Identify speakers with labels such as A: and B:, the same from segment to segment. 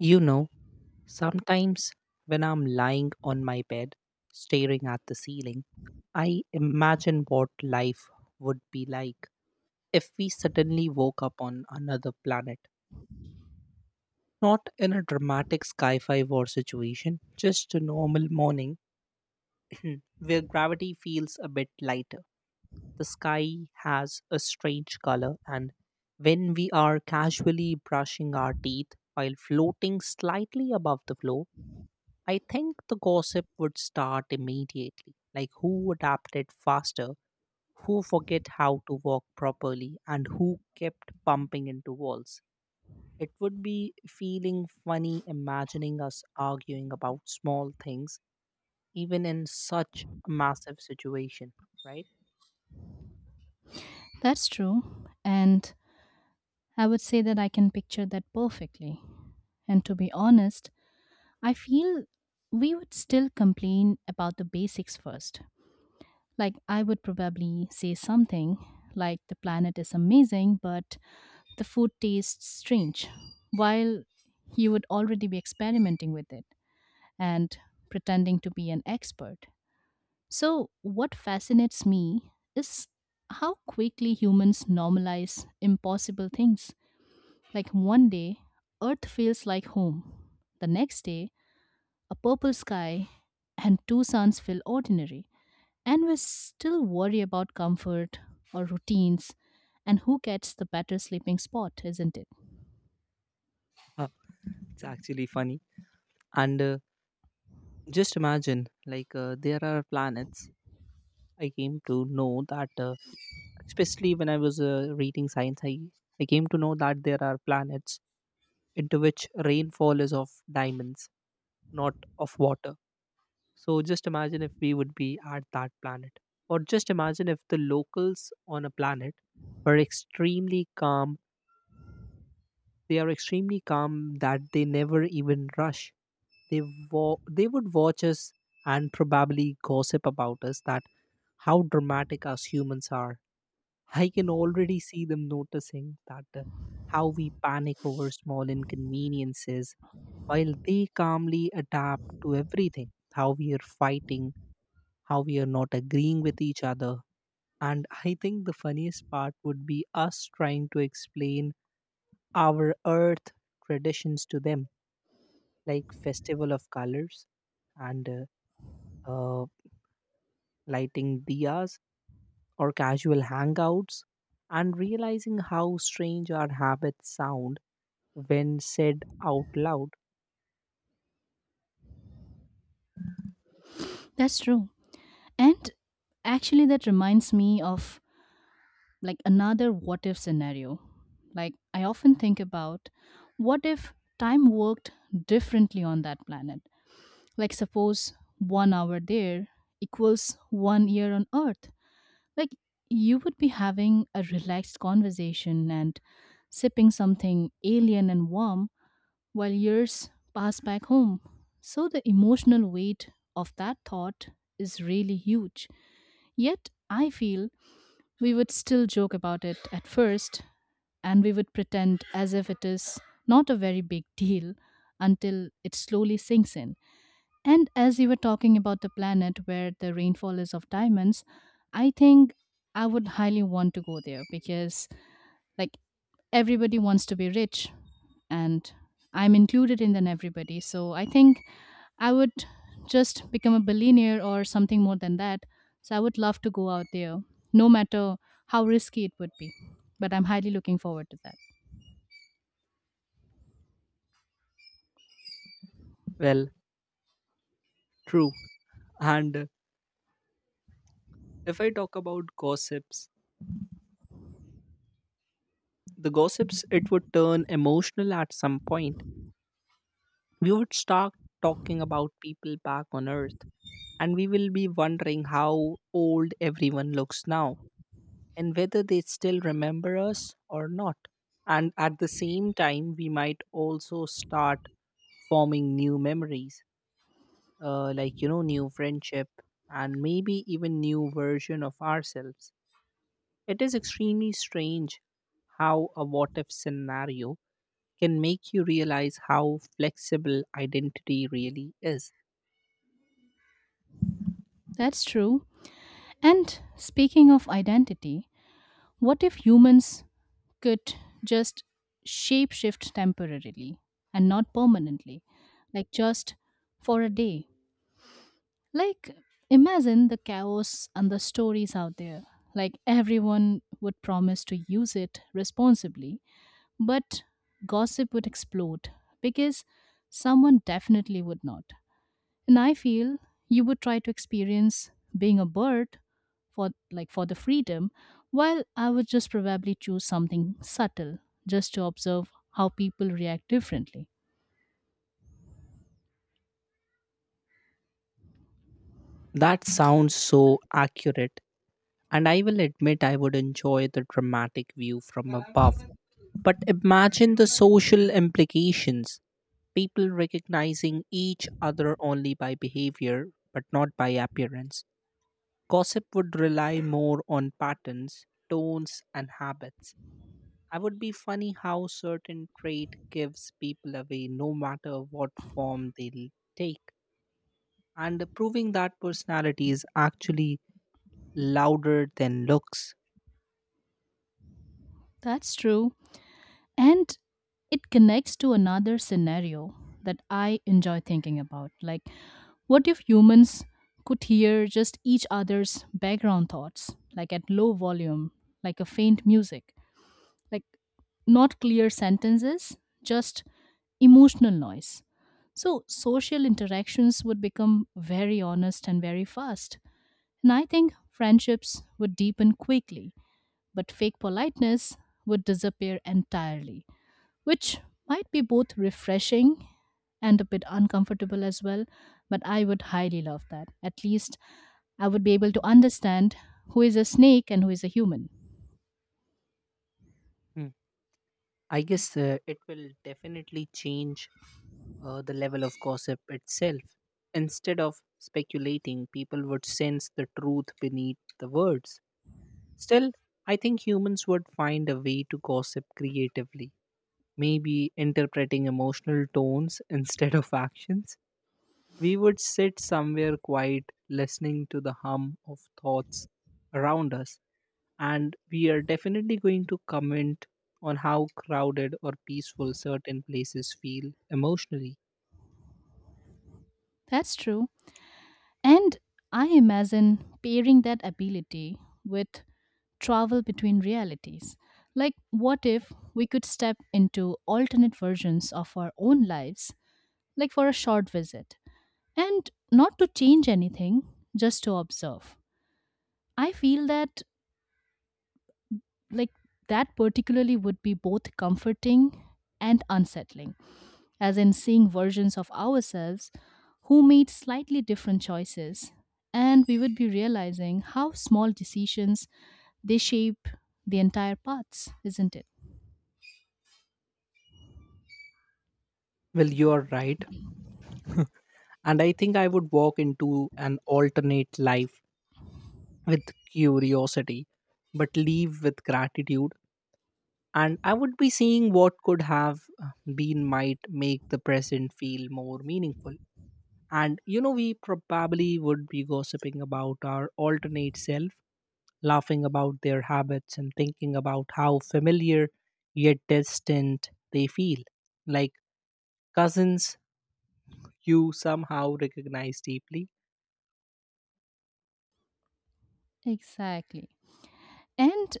A: You know, sometimes when I'm lying on my bed, staring at the ceiling, I imagine what life would be like if we suddenly woke up on another planet. Not in a dramatic sci fi war situation, just a normal morning where gravity feels a bit lighter. The sky has a strange color, and when we are casually brushing our teeth while floating slightly above the floor, I think the gossip would start immediately, like who adapted faster, who forget how to walk properly, and who kept bumping into walls. It would be feeling funny imagining us arguing about small things, even in such a massive situation, right?
B: That's true. And I would say that I can picture that perfectly. And to be honest, I feel we would still complain about the basics first. Like, I would probably say something like, the planet is amazing, but the food tastes strange, while you would already be experimenting with it and pretending to be an expert. So, what fascinates me is how quickly humans normalize impossible things. Like one day, Earth feels like home. The next day, a purple sky and two suns feel ordinary. And we still worry about comfort or routines and who gets the better sleeping spot, isn't it?
A: Huh, it's actually funny. And just imagine, there are planets I came to know that especially when I was reading science, I came to know that there are planets into which rainfall is of diamonds, not of water. So just imagine if we would be at that planet. Or just imagine if the locals on a planet were extremely calm. They are extremely calm that they never even rush, they they would watch us and probably gossip about us that how dramatic us humans are. I can already see them noticing that how we panic over small inconveniences while they calmly adapt to everything, how we are fighting, how we are not agreeing with each other. And I think the funniest part would be us trying to explain our earth traditions to them, like festival of colors and uh, uh, lighting diyas or casual hangouts, and realizing how strange our habits sound when said out loud.
B: That's true. And actually, that reminds me of like another what if scenario. Like, I often think about what if time worked differently on that planet? Like, suppose 1 hour there equals 1 year on Earth. Like, you would be having a relaxed conversation and sipping something alien and warm while years pass back home. So, the emotional weight of that thought is really huge. Yet, I feel we would still joke about it at first and we would pretend as if it is not a very big deal until it slowly sinks in. And as you were talking about the planet where the rainfall is of diamonds, I think I would highly want to go there because, like, everybody wants to be rich, and I'm included in then everybody. So I think I would just become a billionaire or something more than that. So I would love to go out there, no matter how risky it would be. But I'm highly looking forward to that.
A: Well, true. And If I talk about gossips, the gossips it would turn emotional at some point. We would start talking about people back on earth and we will be wondering how old everyone looks now and whether they still remember us or not. And at the same time we might also start forming new memories, like you know new friendship and maybe even new version of ourselves. It is extremely strange how a what if scenario can make you realize how flexible identity really is.
B: That's true. And speaking of identity, what if humans could just shapeshift temporarily and not permanently, like just for a day? Like, imagine the chaos and the stories out there. Like, everyone would promise to use it responsibly, but gossip would explode because someone definitely would not. And I feel you would try to experience being a bird for like for the freedom, while I would just probably choose something subtle just to observe how people react differently.
A: That sounds so accurate, and I will admit I would enjoy the dramatic view from above. But imagine the social implications, people recognizing each other only by behavior, but not by appearance. Gossip would rely more on patterns, tones, and habits. I would be funny how certain trait gives people away no matter what form they take. And proving that personality is actually louder than looks.
B: That's true. And it connects to another scenario that I enjoy thinking about. Like what if humans could hear just each other's background thoughts, like at low volume, like a faint music? Like not clear sentences, just emotional noise. So social interactions would become very honest and very fast. And I think friendships would deepen quickly, but fake politeness would disappear entirely, which might be both refreshing and a bit uncomfortable as well. But I would highly love that. At least I would be able to understand who is a snake and who is a human.
A: Hmm. I guess it will definitely change the level of gossip itself. Instead of speculating, people would sense the truth beneath the words. Still, I think humans would find a way to gossip creatively, maybe interpreting emotional tones instead of actions. We would sit somewhere quiet, listening to the hum of thoughts around us. And we are definitely going to comment on how crowded or peaceful certain places feel emotionally.
B: That's true. And I imagine pairing that ability with travel between realities. Like, what if we could step into alternate versions of our own lives, like for a short visit, and not to change anything, just to observe? I feel that, like, that particularly would be both comforting and unsettling, as in seeing versions of ourselves who made slightly different choices. And we would be realizing how small decisions they shape the entire paths, isn't it?
A: Well, you're right. And I think I would walk into an alternate life with curiosity, but leave with gratitude. And I would be seeing what could have been might make the present feel more meaningful. And you know, we probably would be gossiping about our alternate self, laughing about their habits and thinking about how familiar yet distant they feel. Like cousins you somehow recognize deeply.
B: Exactly. And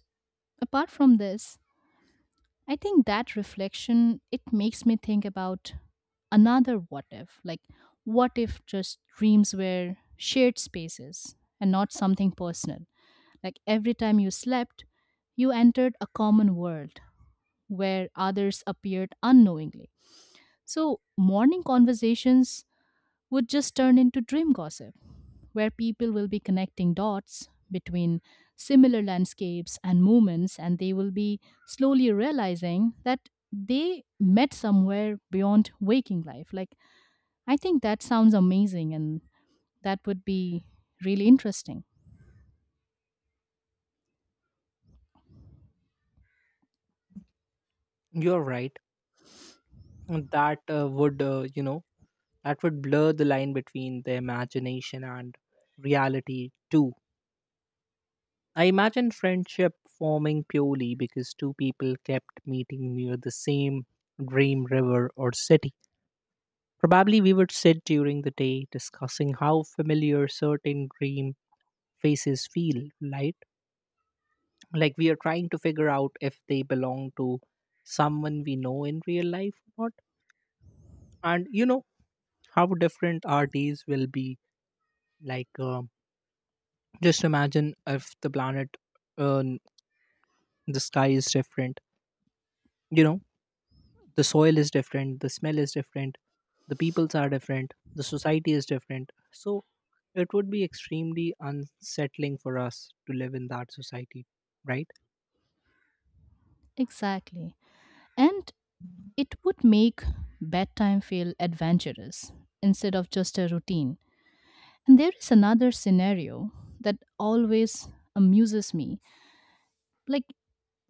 B: apart from this, I think that reflection it makes me think about another what if. Like what if just dreams were shared spaces and not something personal? Like every time you slept, you entered a common world where others appeared unknowingly. So, morning conversations would just turn into dream gossip, where people will be connecting dots between similar landscapes and moments, and they will be slowly realizing that they met somewhere beyond waking life. Like, I think that sounds amazing, and that would be really interesting.
A: You're right. And that would blur the line between the imagination and reality too. I imagine friendship forming purely because two people kept meeting near the same dream river or city. Probably we would sit during the day discussing how familiar certain dream faces feel, right? Like we are trying to figure out if they belong to someone we know in real life or not. And you know how different our days will be. Like, uh, just imagine if the planet, uh, the sky is different, you know, the soil is different, the smell is different, the peoples are different, the society is different. So it would be extremely unsettling for us to live in that society, right?
B: Exactly. And it would make bedtime feel adventurous instead of just a routine. And there is another scenario that always amuses me. Like,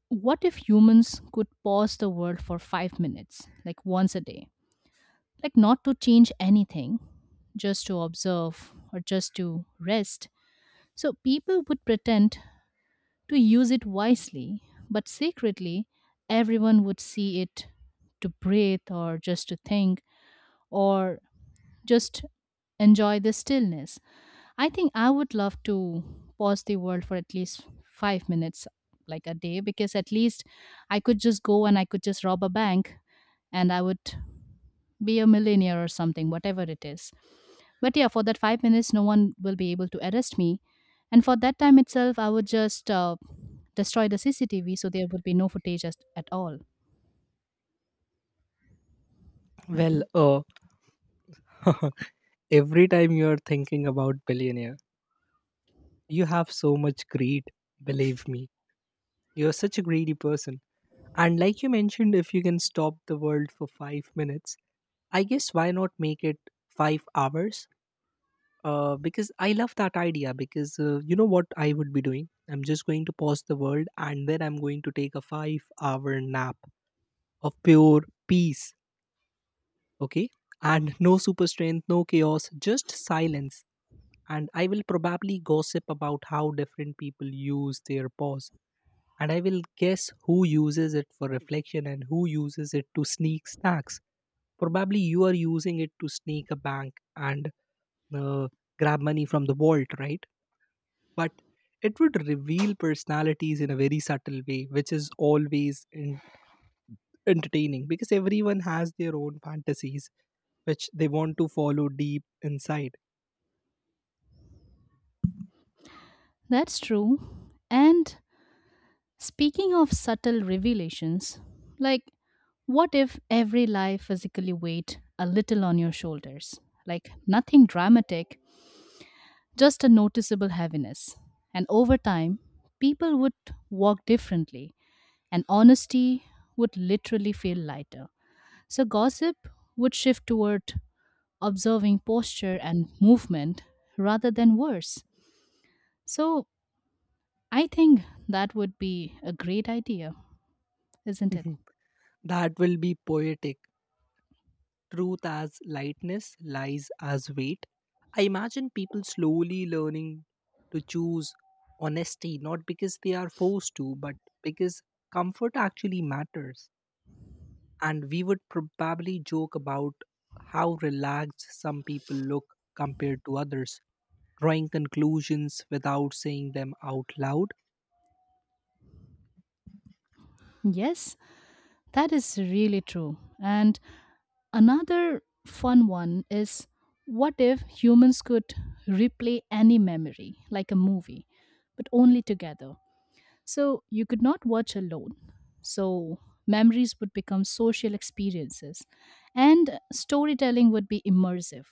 B: what if humans could pause the world for 5 minutes, like once a day? Like, not to change anything, just to observe or just to rest. So, people would pretend to use it wisely, but secretly, everyone would see it to breathe or just to think or just enjoy the stillness. I think I would love to pause the world for at least 5 minutes, like a day, because at least I could just go and I could just rob a bank and I would be a millionaire or something, whatever it is. But yeah, for that 5 minutes, no one will be able to arrest me. And for that time itself, I would just destroy the CCTV so there would be no footage at all.
A: Well, mhm, every time you're thinking about billionaire, you have so much greed, believe me. You're such a greedy person. And like you mentioned, if you can stop the world for 5 minutes, I guess why not make it 5 hours? Because I love that idea. Because you know what I would be doing? I'm just going to pause the world and then I'm going to take a 5 hour nap of pure peace, okay, and no super strength, no chaos, just silence. And I will probably gossip about how different people use their pause, and I will guess who uses it for reflection and who uses it to sneak snacks. Probably you are using it to sneak a bank and uh, grab money from the vault, right? But it would reveal personalities in a very subtle way which is always entertaining because everyone has their own fantasies which they want to follow deep inside.
B: That's true. And speaking of subtle revelations, like what if every lie physically weighed a little on your shoulders? Like nothing dramatic, just a noticeable heaviness. And over time, people would walk differently, and honesty would literally feel lighter. So, gossip would shift toward observing posture and movement rather than words. So, I think that would be a great idea, isn't it?
A: Mhm. That will be poetic. Truth as lightness, lies as weight. I imagine people slowly learning to choose honesty, not because they are forced to, but because comfort actually matters. And we would probably joke about how relaxed some people look compared to others, drawing conclusions without saying them out loud.
B: Yes, that is really true. And another fun one is what if humans could replay any memory, like a movie, but only together? So you could not watch alone. So memories would become social experiences, and storytelling would be immersive.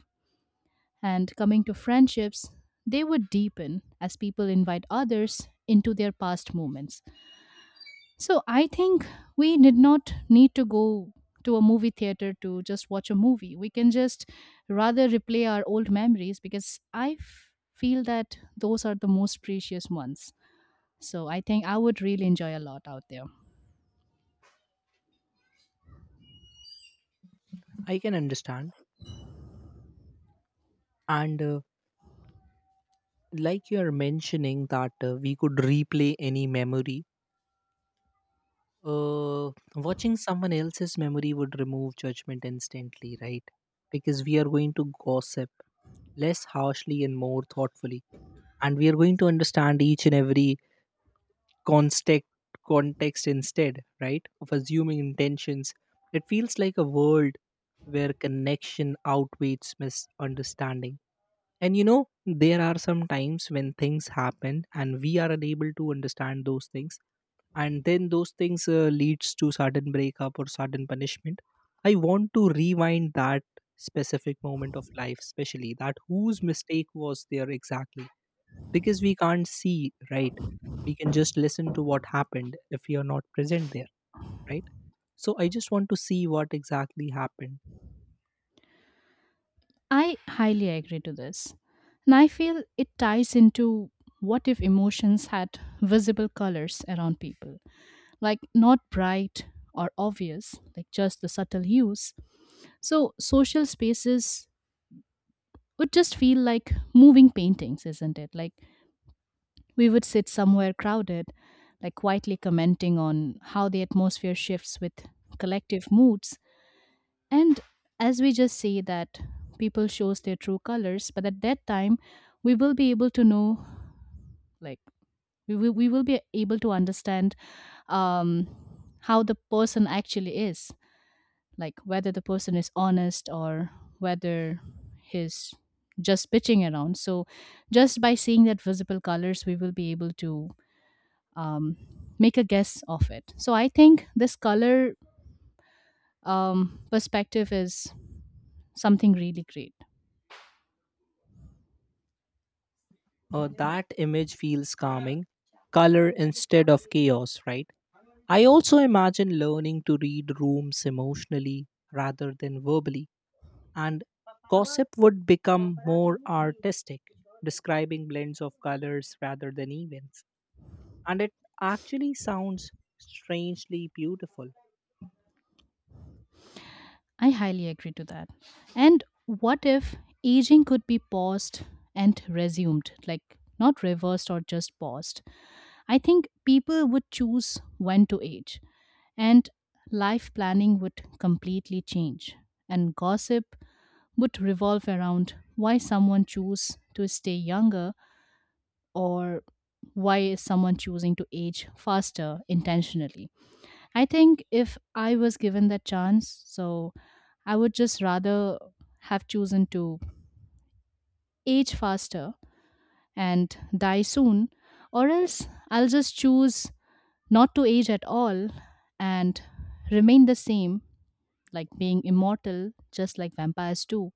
B: And coming to friendships, they would deepen as people invite others into their past moments. So I think we did not need to go to a movie theater to just watch a movie. We can just rather replay our old memories because feel that those are the most precious ones. So I think I would really enjoy a lot out there.
A: I can understand. And like you are mentioning that we could replay any memory. Uh, watching someone else's memory would remove judgment instantly, right? Because we are going to gossip less harshly and more thoughtfully, and we are going to understand each and every context context instead, right? Of assuming intentions. It feels like a world where connection outweighs misunderstanding. And you know, there are some times when things happen and we are unable to understand those things and then those things leads to sudden breakup or sudden punishment. I want to rewind that specific moment of life, especially that whose mistake was there exactly, because we can't see, right? We can just listen to what happened if we are not present there, right? So I just want to see what exactly happened.
B: I highly agree to this. And I feel it ties into what if emotions had visible colors around people, like not bright or obvious, like just the subtle hues. So, social spaces would just feel like moving paintings, isn't it? Like we would sit somewhere crowded, like quietly commenting on how the atmosphere shifts with collective moods. And as we just say that people shows their true colors, but at that time we will be able to know, like we will be able to understand um, how the person actually is, like whether the person is honest or whether he's just pitching around. So, just by seeing that visible colors, we will be able to um, make a guess of it. So, I think this color perspective is something really great.
A: That image feels calming, color instead of chaos, right? I also imagine learning to read rooms emotionally rather than verbally, and gossip would become more artistic, describing blends of colors rather than events. And it actually sounds strangely beautiful.
B: I highly agree to that. And what if aging could be paused and resumed, like not reversed or just paused? I think people would choose when to age, and life planning would completely change, and gossip would revolve around why someone choose to stay younger or why is someone choosing to age faster intentionally. I think if I was given that chance, so I would just rather have chosen to age faster and die soon, or else I'll just choose not to age at all and remain the same, like being immortal, just like vampires do.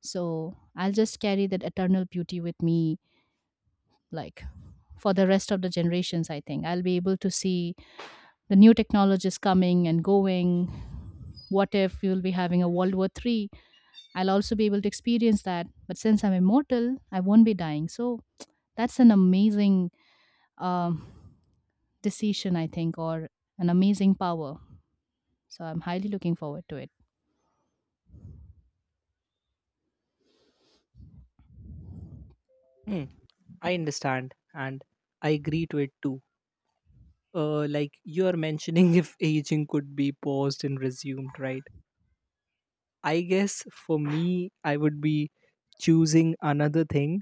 B: So I'll just carry that eternal beauty with me, like for the rest of the generations, I think. I'll be able to see the new technologies coming and going. What if you'll be having a World War III? I'll also be able to experience that. But since I'm immortal, I won't be dying. So that's an amazing um, decision, I think, or an amazing power. So I'm highly looking forward to it.
A: Hmm, I understand, and I agree to it too. Like you are mentioning, if aging could be paused and resumed, right? I guess for me, I would be choosing another thing.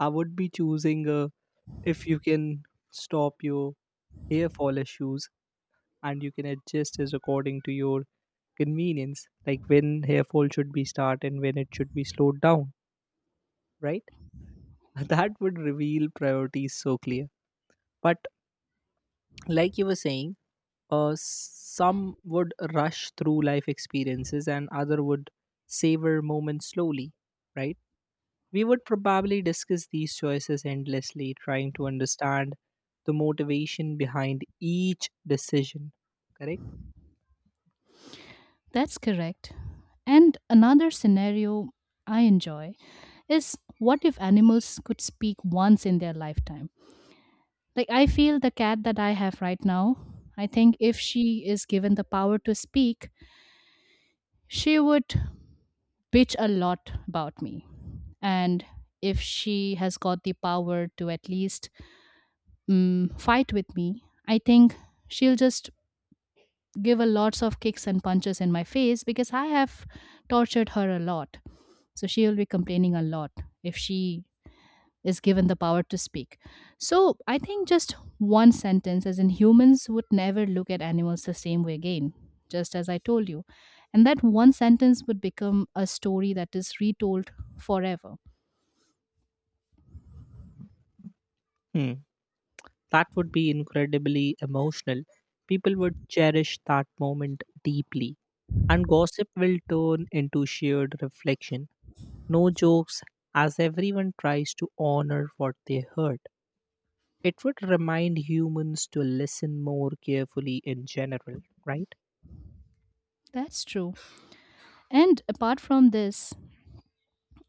A: I would be choosing if you can stop your hair fall issues and you can adjust as according to your convenience, like when hair fall should be start and when it should be slowed down, right? That would reveal priorities so clear. But like you were saying, some would rush through life experiences and other would savor moments slowly, right? We would probably discuss these choices endlessly, trying to understand the motivation behind each decision, correct?
B: That's correct. And another scenario I enjoy is what if animals could speak once in their lifetime? Like, I feel the cat that I have right now, I think if she is given the power to speak, she would bitch a lot about me. And if she has got the power to at least fight with me, I think she'll just give a lots of kicks and punches in my face because I have tortured her a lot. So she will be complaining a lot if she is given the power to speak. So I think just one sentence, as in humans would never look at animals the same way again, just as I told you. And that one sentence would become a story that is retold forever.
A: Hmm. That would be incredibly emotional. People would cherish that moment deeply, and gossip will turn into shared reflection. No jokes, as everyone tries to honor what they heard. It would remind humans to listen more carefully in general, right?
B: That's true. And apart from this,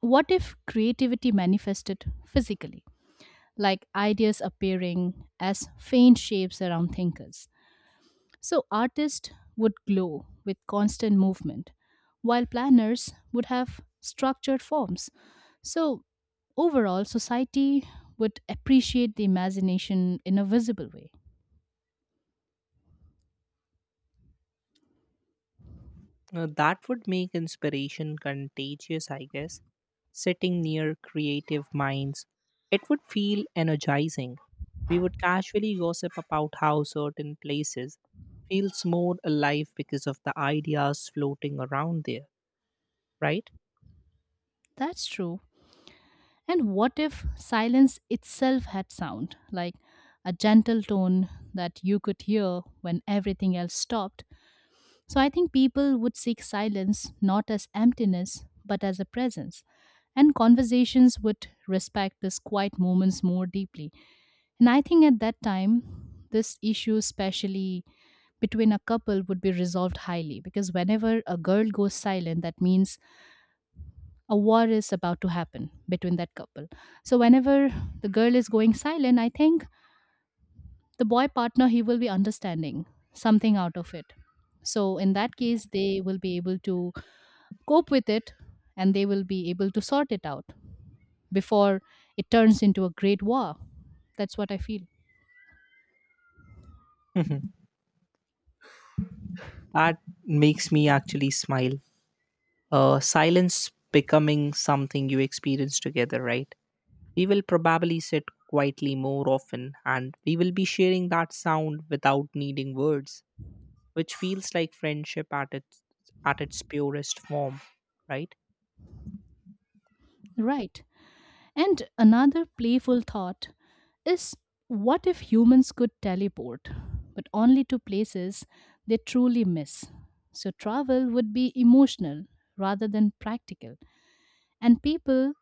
B: what if creativity manifested physically? Like ideas appearing as faint shapes around thinkers. So artists would glow with constant movement, while planners would have structured forms. So overall, society would appreciate the imagination in a visible way.
A: That would make inspiration contagious, I guess. Sitting near creative minds, it would feel energizing. We would casually gossip about how certain places feels more alive because of the ideas floating around there, right?
B: That's true. And what if silence itself had sound, like a gentle tone that you could hear when everything else stopped? So I think people would seek silence not as emptiness, but as a presence. And conversations would respect these quiet moments more deeply. And I think at that time, this issue, especially between a couple, would be resolved highly because whenever a girl goes silent, that means a war is about to happen between that couple. So whenever the girl is going silent, I think the boy partner he will be understanding something out of it. So in that case, they will be able to cope with it, and they will be able to sort it out before it turns into a great war. That's what I feel.
A: Mhm. That makes me actually smile. Silence becoming something you experience together, right? We will probably sit quietly more often and we will be sharing that sound without needing words, which feels like friendship at its purest form, right?
B: Right. And another playful thought is what if humans could teleport, but only to places they truly miss? So travel would be emotional rather than practical, and people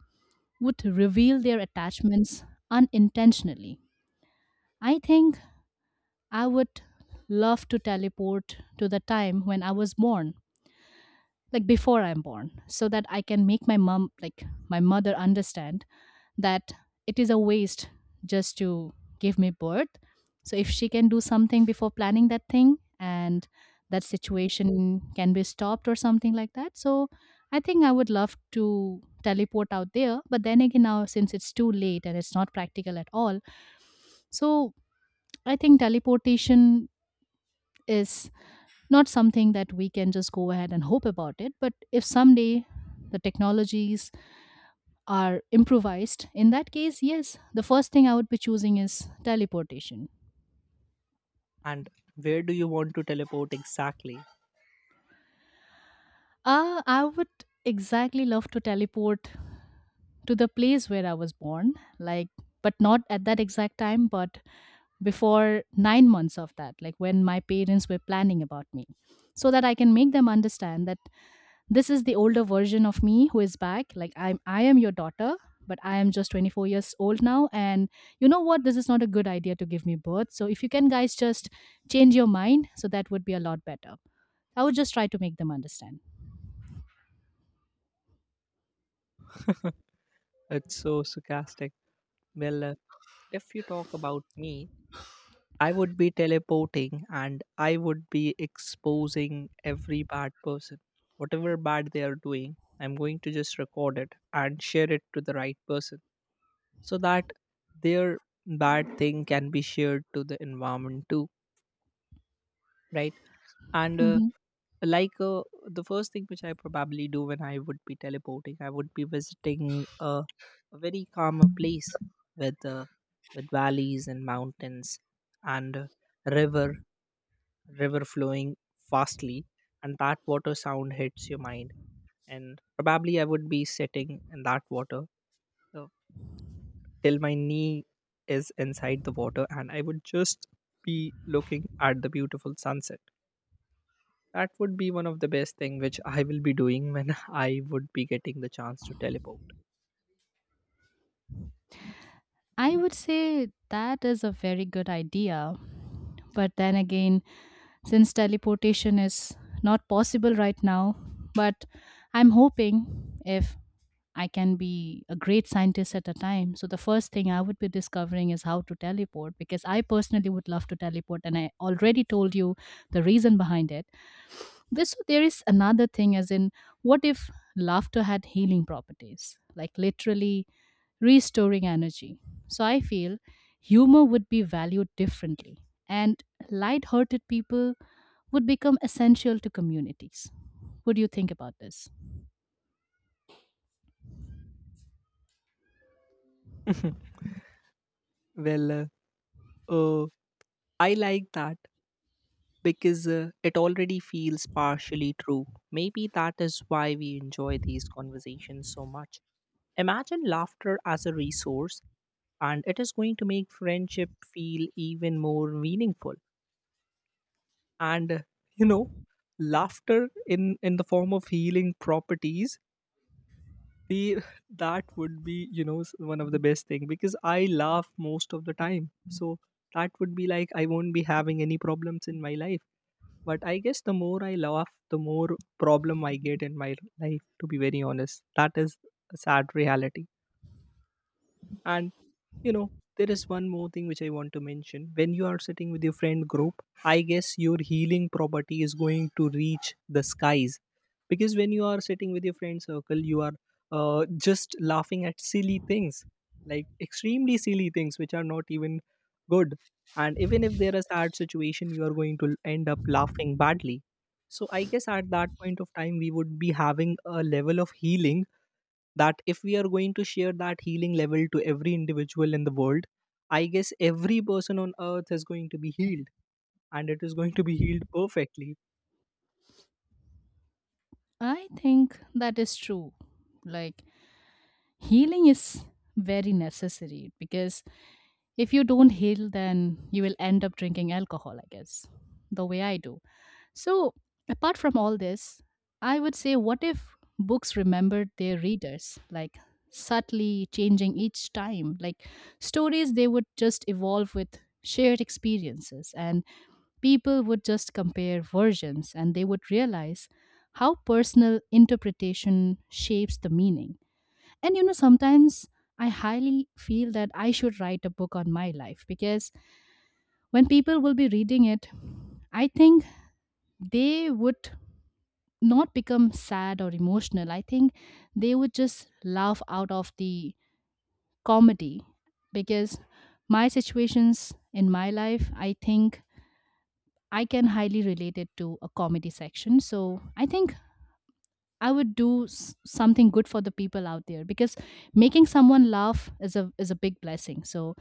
B: would reveal their attachments unintentionally. I think I would love to teleport to the time when I was born, like before I'm born, so that I can make my mom, like my mother, understand that it is a waste just to give me birth. So if she can do something before planning that thing and that situation can be stopped or something like that. So I think I would love to teleport out there. But then again, now since it's too late and it's not practical at all, so I think teleportation is not something that we can just go ahead and hope about it. But if someday the technologies are improvised, in that case, yes, the first thing I would be choosing is teleportation.
A: And where do you want to teleport exactly?
B: I would exactly love to teleport to the place where I was born, like, but not at that exact time, but before 9 months of that, like when my parents were planning about me, so that I can make them understand that this is the older version of me who is back, like I am your daughter, but I am just 24 years old now. And you know what, this is not a good idea to give me birth, so if you can guys just change your mind, so that would be a lot better. I would just try to make them understand.
A: It's so sarcastic. Well, if you talk about me, I would be teleporting and I would be exposing every bad person. Whatever bad they are doing, I'm going to just record it and share it to the right person so that their bad thing can be shared to the environment too, right? And uh,
B: Mhm.
A: like uh, the first thing which I probably do when I would be teleporting, I would be visiting a very calmer place with uh, with valleys and mountains and river river flowing fastly, and that water sound hits your mind, and probably I would be sitting in that water uh, till my knee is inside the water, and I would just be looking at the beautiful sunset. That would be one of the best thing which I will be doing when I would be getting the chance to teleport.
B: I would say that is a very good idea, but then again, since teleportation is not possible right now, but I'm hoping if I can be a great scientist at a time. So the first thing I would be discovering is how to teleport because I personally would love to teleport, and I already told you the reason behind it. This, there is another thing as in, what if laughter had healing properties, like literally restoring energy. So I feel humor would be valued differently, and light-hearted people would become essential to communities. What do you think about this?
A: Well, uh, I like that because it already feels partially true. Maybe that is why we enjoy these conversations so much. Imagine laughter as a resource, and it is going to make friendship feel even more meaningful. And you know, laughter in the form of healing properties, the that would be you know one of the best thing because I laugh most of the time, so that would be like I won't be having any problems in my life. But I guess the more I laugh, the more problem I get in my life, to be very honest. That is a sad reality. And you know, there is one more thing which I want to mention. When you are sitting with your friend group, I guess your healing property is going to reach the skies, because when you are sitting with your friend circle you are just laughing at silly things, like extremely silly things which are not even good, and even if there is a sad situation you are going to end up laughing badly. So I guess at that point of time we would be having a level of healing that if we are going to share that healing level to every individual in the world, I guess every person on earth is going to be healed, and it is going to be healed perfectly.
B: I think that is true. Like, healing is very necessary because if you don't heal, then you will end up drinking alcohol, I guess, the way I do. So, apart from all this, I would say, what if books remembered their readers, like subtly changing each time? Like, stories, they would just evolve with shared experiences, and people would just compare versions and they would realize how personal interpretation shapes the meaning. And you know, sometimes I highly feel that I should write a book on my life because when people will be reading it, I think they would not become sad or emotional. I think they would just laugh out of the comedy because my situations in my life, I think I can highly relate it to a comedy section. So I think I would do something good for the people out there because making someone laugh is a big blessing. So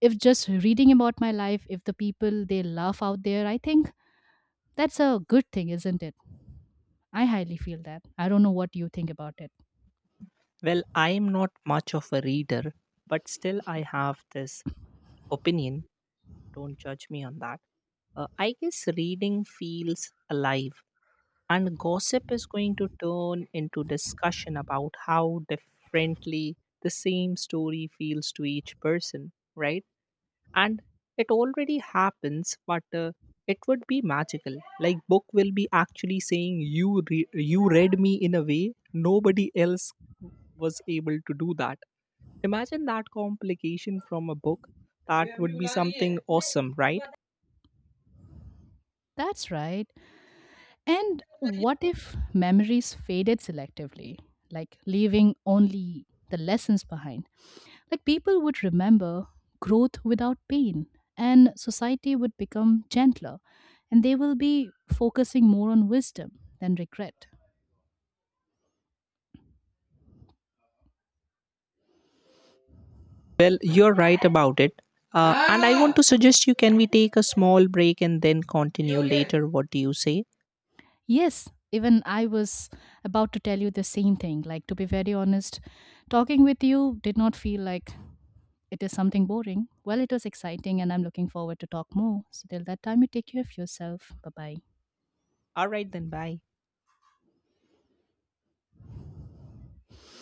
B: if just reading about my life, if the people they laugh out there, I think that's a good thing, isn't it? I highly feel that. I don't know what you think about it.
A: Well, I am not much of a reader, but still I have this opinion. Don't judge me on that. I guess reading feels alive, and gossip is going to turn into discussion about how differently the same story feels to each person, right? And it already happens, but it would be magical. Like book will be actually saying, "You you read me in a way nobody else was able to do that." Imagine that complication from a book. That would be something awesome, right?
B: That's right. And what if memories faded selectively, like leaving only the lessons behind? Like people would remember growth without pain, and society would become gentler, and they will be focusing more on wisdom than regret.
A: Well, you're right about it. And I want to suggest, you can we take a small break and then continue later? What do you say?
B: Yes, even I was about to tell you the same thing. Like, to be very honest, talking with you did not feel like it is something boring. Well, it was exciting, and I'm looking forward to talk more. So, till that time, you take care of yourself. Bye bye.
A: All right, then, bye.